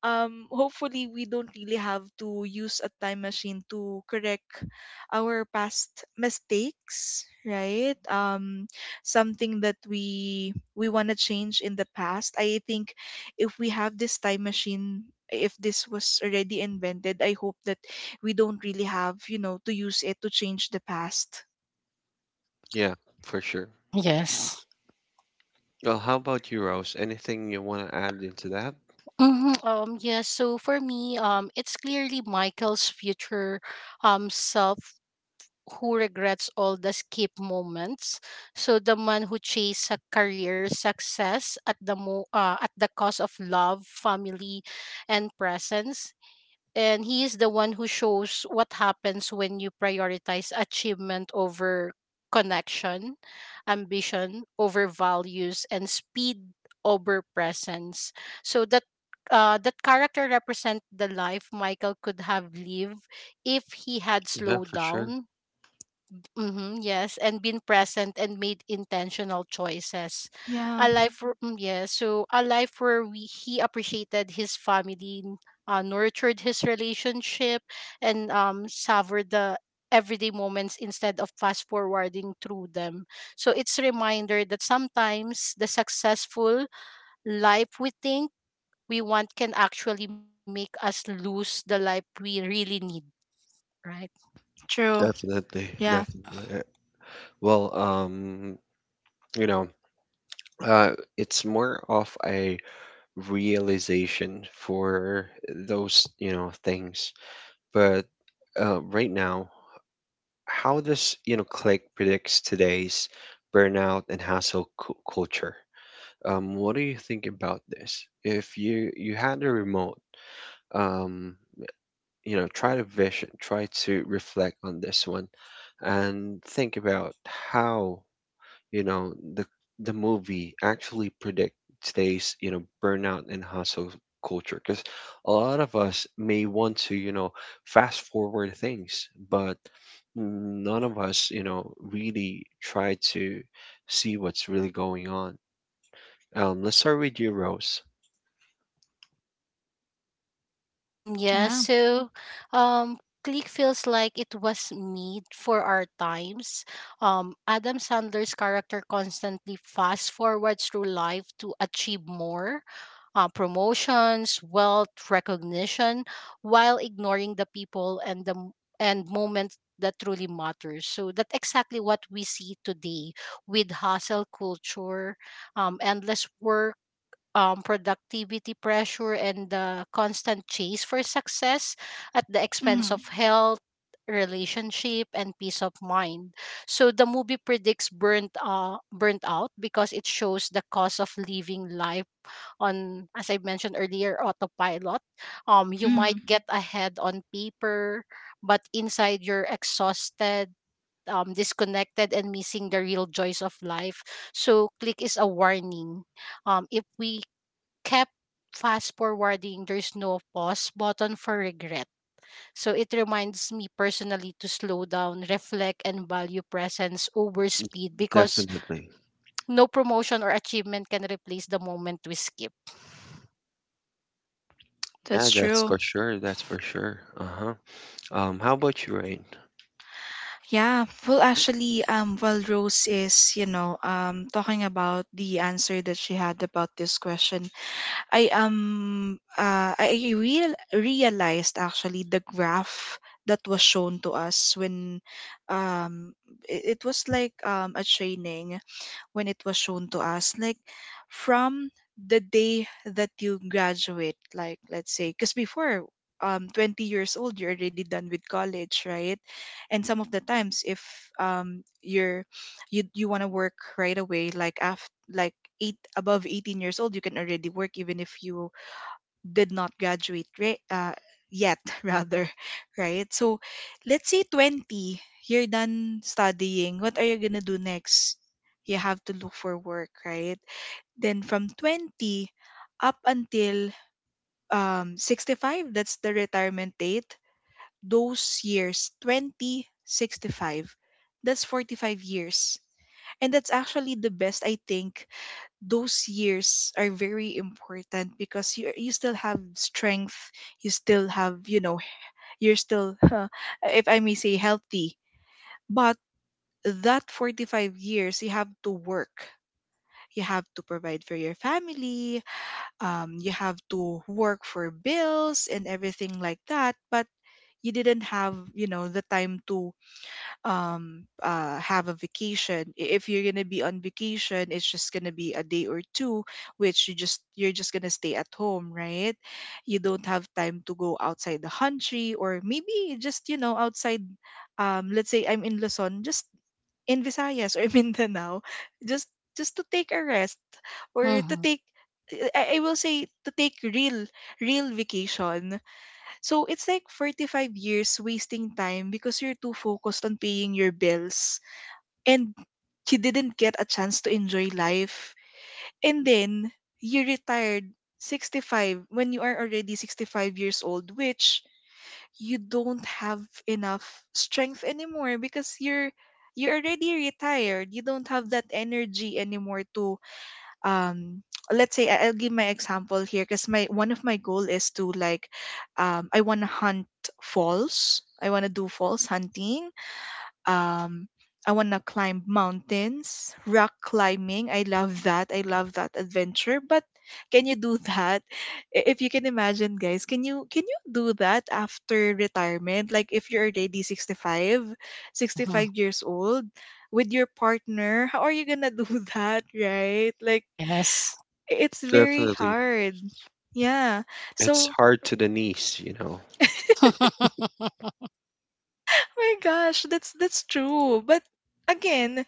Speaker 2: um hopefully we don't really have to use a time machine to correct our past mistakes, right? Something that we want to change in the past. I think if we have this time machine, if this was already invented, I hope that we don't really have, to use it to change the past.
Speaker 1: Yeah, for sure.
Speaker 3: Yes.
Speaker 1: Well, how about you, Rose? Anything you want to add into that?
Speaker 3: Hmm. Yes, so for me, it's clearly Michael's future self who regrets all the skip moments. So the man who chased a career success at the cost of love, family, and presence. And he is the one who shows what happens when you prioritize achievement over connection, ambition over values, and speed over presence. So that character represent the life Michael could have lived if he had
Speaker 1: Yeah,
Speaker 3: slowed
Speaker 1: for sure.
Speaker 3: down. Mm-hmm, yes, and been present and made intentional choices.
Speaker 2: Yeah,
Speaker 3: A life, where- mm, yeah, so a life where, he appreciated his family, nurtured his relationship, and, savored the everyday moments instead of fast forwarding through them. So it's a reminder that sometimes the successful life we think we want can actually make us lose the life we really need, right?
Speaker 2: true.
Speaker 1: Definitely,
Speaker 2: Yeah,
Speaker 1: definitely. Well, you know, uh, it's more of a realization for those, you know, things. But right now, how does, you know, click predicts today's burnout and culture, what do you think about this if you had a remote, um, you know, try to vision, try to reflect on this one and think about how, you know, the movie actually predict today's, you know, burnout and hustle culture, because a lot of us may want to, you know, fast forward things, but none of us, you know, really try to see what's really going on. Let's start with you, Rose.
Speaker 3: Mm, yeah,
Speaker 2: yeah.
Speaker 3: so um Click feels like it was made for our times. Adam Sandler's character constantly fast forwards through life to achieve more, promotions, wealth, recognition, while ignoring the people and and moments that truly matters. So that's exactly what we see today with hustle culture, endless work, productivity pressure and the constant chase for success at the expense
Speaker 2: Mm,
Speaker 3: of health, relationship, and peace of mind. So the movie predicts, burnt out, because it shows the cost of living life on, as I mentioned earlier, autopilot. You
Speaker 2: mm,
Speaker 3: might get ahead on paper, but inside you're exhausted. Disconnected and missing the real joys of life. So, Click is a warning. If we kept fast forwarding, there's no pause button for regret. So it reminds me personally to slow down, reflect, and value presence over speed, because
Speaker 1: Definitely.
Speaker 3: no promotion or achievement can replace the moment we skip.
Speaker 1: Yeah,
Speaker 2: that's
Speaker 1: that's
Speaker 2: true.
Speaker 1: for sure, that's for sure. Uh-huh. How about you, Rain?
Speaker 2: Yeah, well, actually, while Rose is, talking about the answer that she had about this question, I realized actually the graph that was shown to us when, um, it was like a training when it was shown to us, like, from the day that you graduate. Like, let's say, because before 20 years old you're already done with college, right? And some of the times, if you're, you want to work right away, like, after, like, eight above 18 years old you can already work even if you did not graduate, right? Yet [laughs] rather, right. So let's say 20, you're done studying. What are you going to do next? You have to look for work, right? Then from 20 up until 65, that's the retirement date. Those years, 20, 65, that's 45 years. And that's actually the best, I think. Those years are very important because you still have strength, you still have, you're still [laughs] if I may say, healthy. But that 45 years you have to work, you have to provide for your family. You have to work for bills and everything like that. But you didn't have, the time to have a vacation. I- if you're gonna be on vacation, it's just gonna be a day or two, which you just, you're just gonna stay at home, right? You don't have time to go outside the country, or maybe just outside. Let's say I'm in Luzon, just in Visayas or [laughs] Mindanao, just to take a rest, or to
Speaker 3: Mm-hmm.
Speaker 2: take, I will say, to take real real vacation. So it's like 45 years wasting time because you're too focused on paying your bills, and you didn't get a chance to enjoy life. And then you retired 65. When you are already 65 years old, which you don't have enough strength anymore, because you're already retired. You don't have that energy anymore to um let's say, I- I'll give my example here because my, one of my goal is to, like, I want to hunt falls. I want to do falls hunting. um I want to climb mountains, rock climbing. I love that. I love that adventure. But can you do [laughs] that? I- If you can imagine, guys, can you, can you do that after retirement? Like, if you're already 65, sixty
Speaker 3: Mm-hmm.
Speaker 2: five years old with your partner, how are you going to do [laughs] that, right? Like,
Speaker 3: Yes.
Speaker 2: I- it's very
Speaker 1: Definitely.
Speaker 2: hard. Yeah.
Speaker 1: It's
Speaker 2: So,
Speaker 1: hard to the knees, you know.
Speaker 3: [laughs] Yes.
Speaker 2: my gosh, that's true. But again,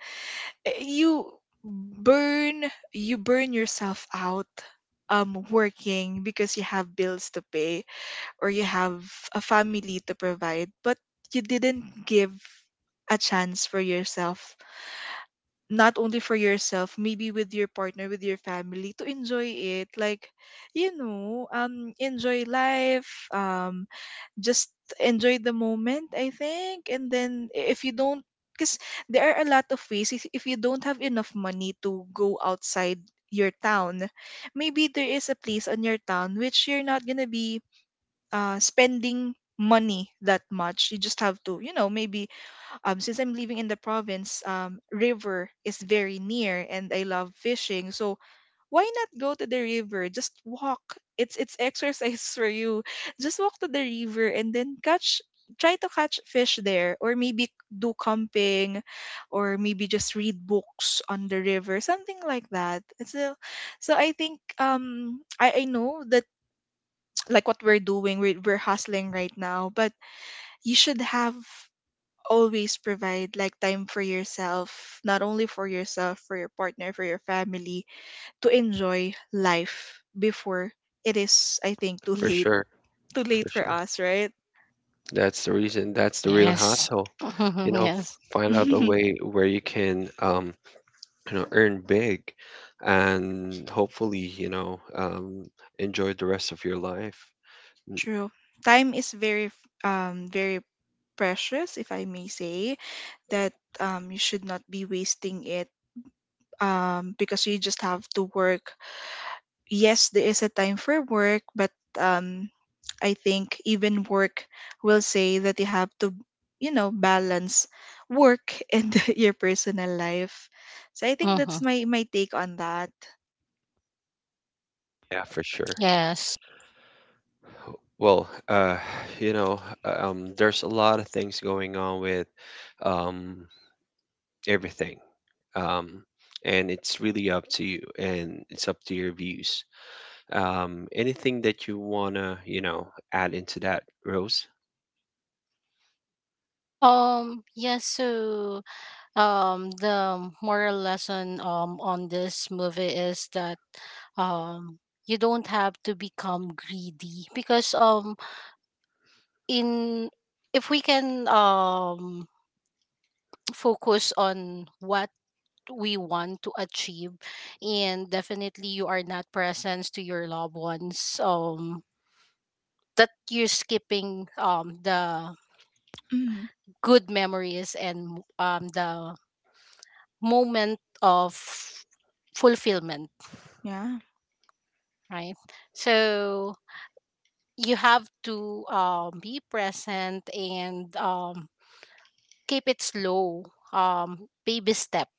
Speaker 2: eh, you burn yourself out working because you have bills to pay, or you have a family to provide. But you didn't give a chance for yourself, not only for yourself, maybe with your partner, with your family, to enjoy it. Like, enjoy life. Just enjoy the moment, I think. And then, I- if you don't, because there are a lot of ways. If you don't have enough money to go outside your town, maybe there is a place on your town which you're not gonna be spending money that much. You just have to, maybe, since I'm living in the province, river is very near and I love fishing, so why not go to the river? Just walk. It's exercise [laughs] for you. Just walk to the river and then catch, try to catch fish there, or maybe do camping, or maybe just read books on the river, something like that. So, so I think I know that [tsk] like what we're doing, we're hustling right now. But you should have always provide, like, time for yourself, not only for yourself, for your partner, for your family, to enjoy life before it is, I think, too
Speaker 1: For
Speaker 2: late.
Speaker 1: sure.
Speaker 2: [laughs] Too
Speaker 1: For
Speaker 2: late for
Speaker 1: sure.
Speaker 2: us, right?
Speaker 1: That's the reason. That's
Speaker 3: [laughs]
Speaker 1: the real
Speaker 3: Yes.
Speaker 1: hustle. You know,
Speaker 3: Mm-hmm.
Speaker 1: find out a
Speaker 2: [laughs]
Speaker 1: way where you can, you know, earn big, and hopefully, you know, enjoy the rest of your life. Mm,
Speaker 2: True. Time is very, very precious, if I may say, that you should not be wasting it, because you just have to work. Yes, there is a time for work, but um, I think even work will say that you have to, balance work [laughs] and your personal life. So I think that's my take on that.
Speaker 1: yeah, for sure.
Speaker 3: Yes.
Speaker 1: Well, you know, there's a lot of things going on with, um, everything. Um, and it's really up to you and it's up to your views. Anything that you want to, you know, add into that, Rose?
Speaker 3: Yes. So the moral lesson on this movie is that, um you don't have to become greedy, because, in if we can, focus on what we want to achieve, and definitely you are not present to your loved ones, that you're skipping, the
Speaker 2: Mm,
Speaker 3: good memories and the moment of fulfillment,
Speaker 2: yeah,
Speaker 3: right? So you have to, be present and, keep it slow, baby step,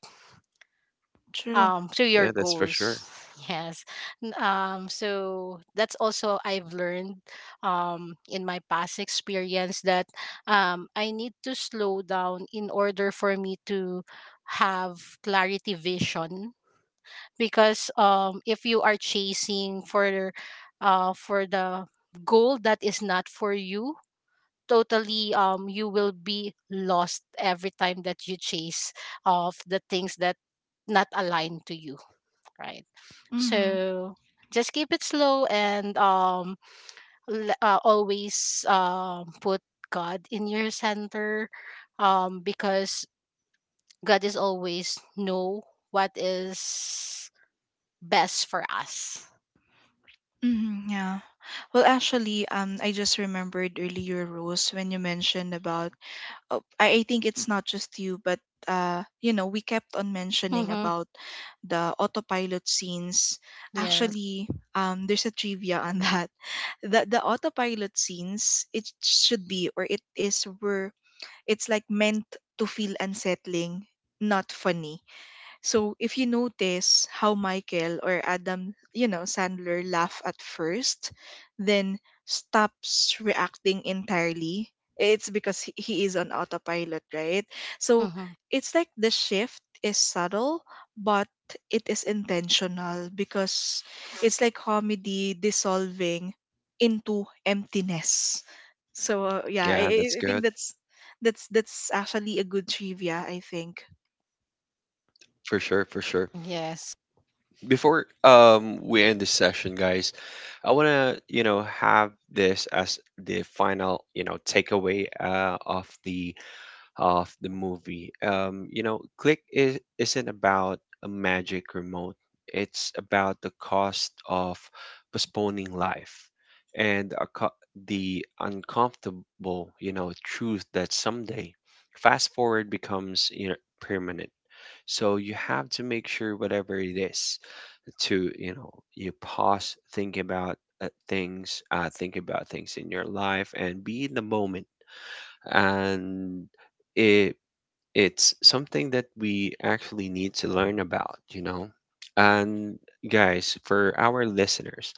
Speaker 2: true.
Speaker 3: to your
Speaker 1: Yeah, that's for sure.
Speaker 3: goals. [laughs] Yes. So that's also I've learned, in my past experience, that, I need to slow down in order for me to have clarity vision, because if you are chasing for, the goal that is not for you totally, you will be lost every time that you chase of the things that not aligned to you, right.
Speaker 2: Mm-hmm.
Speaker 3: So just keep it slow and always put God in your center, because God is always know what is best for us.
Speaker 2: Mm-hmm, yeah. Well, actually, I just remembered earlier, Rose, when you mentioned about, oh, I think it's not just you, but we kept on mentioning
Speaker 3: Mm-hmm.
Speaker 2: about the autopilot scenes.
Speaker 3: Yes.
Speaker 2: Actually, there's a trivia on that. [laughs] The autopilot scenes, it should be, or it is, were, it's like meant to feel unsettling, not funny. So if you notice how Michael, or Adam, Sandler laugh at first, then stops reacting entirely, it's because he is on autopilot, right? So
Speaker 3: Mm-hmm.
Speaker 2: it's like the shift is subtle, but it is intentional, because it's like comedy dissolving into emptiness. So yeah, I,
Speaker 1: Yeah,
Speaker 2: I
Speaker 1: that's
Speaker 2: i
Speaker 1: good.
Speaker 2: think that's, that's actually a good trivia, I think.
Speaker 1: For sure, for sure.
Speaker 3: Yes.
Speaker 1: Before we end this session, guys, I want to, you know, have this as the final, you know, takeaway of the movie. You know, Click isn't about a magic remote, it's about the cost of postponing life and the uncomfortable, you know, truth that someday fast forward becomes, you know, permanent. So you have to make sure whatever it is to, you know, you pause, think about think about things in your life and be in the moment, and it it's something that we actually need to learn about, you know? And guys, for our listeners,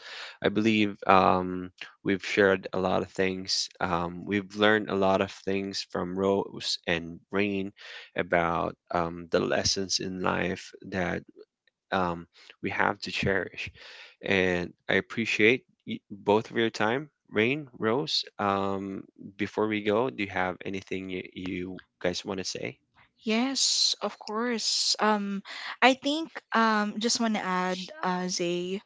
Speaker 1: I believe we've shared a lot of things. We've learned a lot of things from Rose and Rain about the lessons in life that um, we have to cherish. And I appreciate both of your time. Rain, Rose, before we go, do you have anything you guys want to say?
Speaker 2: Yes, of course. I think, just want to add, Zay,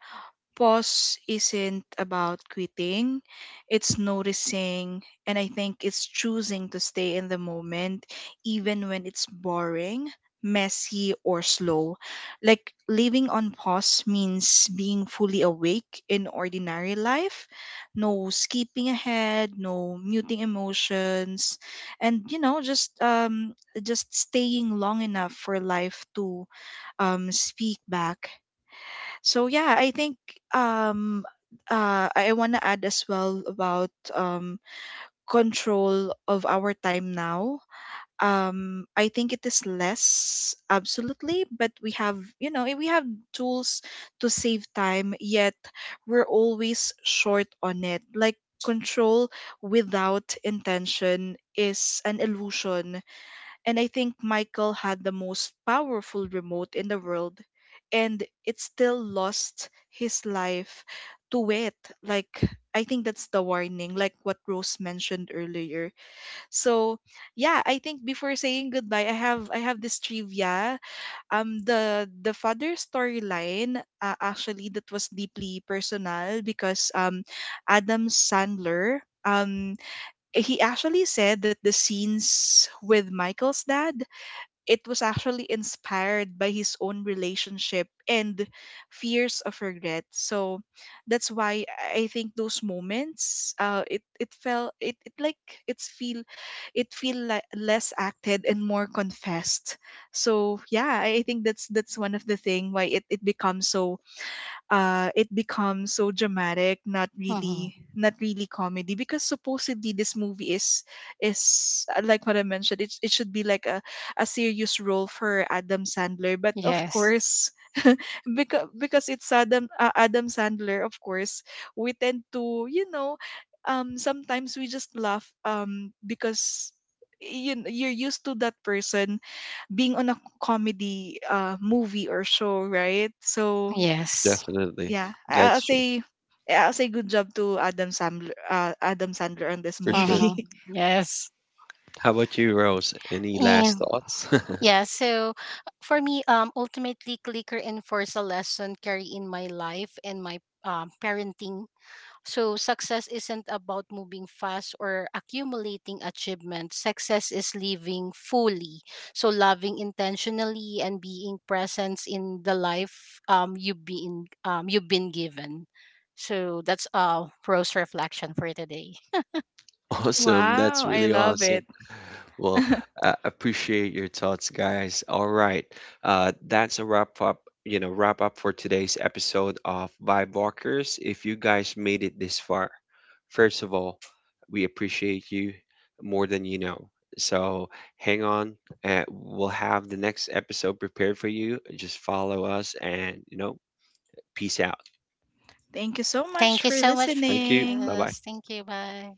Speaker 2: pause isn't about quitting, it's noticing. And I think it's choosing to stay in the moment, even when it's boring, messy, or slow. Like, living on pause means being fully awake in ordinary life, no skipping ahead, no muting emotions, and just staying long enough for life to speak back. So yeah, I think, um I want to add as well about control of our time now. I think it is less absolutely, but we have, we have tools to save time, yet we're always short on it. Like, control without intention is an illusion, and I think Michael had the most powerful remote in the world, and it still lost his life to it. Like, I think that's the warning, like what Rose mentioned earlier. So, yeah, I think before saying goodbye, I have this trivia. The father storyline, actually, that was deeply personal because Adam Sandler, um, he actually said that the scenes with Michael's dad, it was actually inspired by his own relationship and fears of regret. So that's why I think those moments, it felt, it, like, it's feel, it feel like less acted and more confessed. So yeah, I think that's one of the thing why it becomes so it becomes so dramatic. Not really,
Speaker 3: Mm-hmm.
Speaker 2: not really comedy, because supposedly this movie is, like what I mentioned, it should be like a serious role for Adam Sandler. But of
Speaker 3: Yes.
Speaker 2: course, [laughs] because it's Adam, Adam Sandler. Of course, we tend to, sometimes we just laugh, because you're used to that person being on a comedy movie or show, right? So,
Speaker 3: Yes.
Speaker 1: Definitely.
Speaker 2: yeah, I- I'll
Speaker 1: That's true.
Speaker 2: say I'll say good job to Adam Sandler, on this
Speaker 1: For sure.
Speaker 2: movie.
Speaker 3: Mm-hmm.
Speaker 2: [laughs]
Speaker 3: Yes.
Speaker 1: How about you, Rose? Any last
Speaker 3: And
Speaker 1: thoughts? [laughs]
Speaker 3: yeah, so for me, ultimately, clicker enforce a lesson carry in my life and my, parenting. So, success isn't about moving fast or accumulating achievements. Success is living fully. So, loving intentionally and being present in the life, you've been given. So, that's, Rose reflection for today.
Speaker 1: Awesome. That's really awesome. Well,
Speaker 2: [laughs]
Speaker 1: appreciate your thoughts, guys. All right. That's a wrap up, for today's episode of Vibe Walkers. If you guys made it this far, first of all, we appreciate you more than you know. So hang on. We'll have the next episode prepared for you. Just follow us and, you know, peace out.
Speaker 2: Thank you so much
Speaker 3: Thank you
Speaker 2: for
Speaker 3: so much for
Speaker 1: Thank you.
Speaker 2: listening.
Speaker 1: Bye bye.
Speaker 3: this. Thank you. Bye.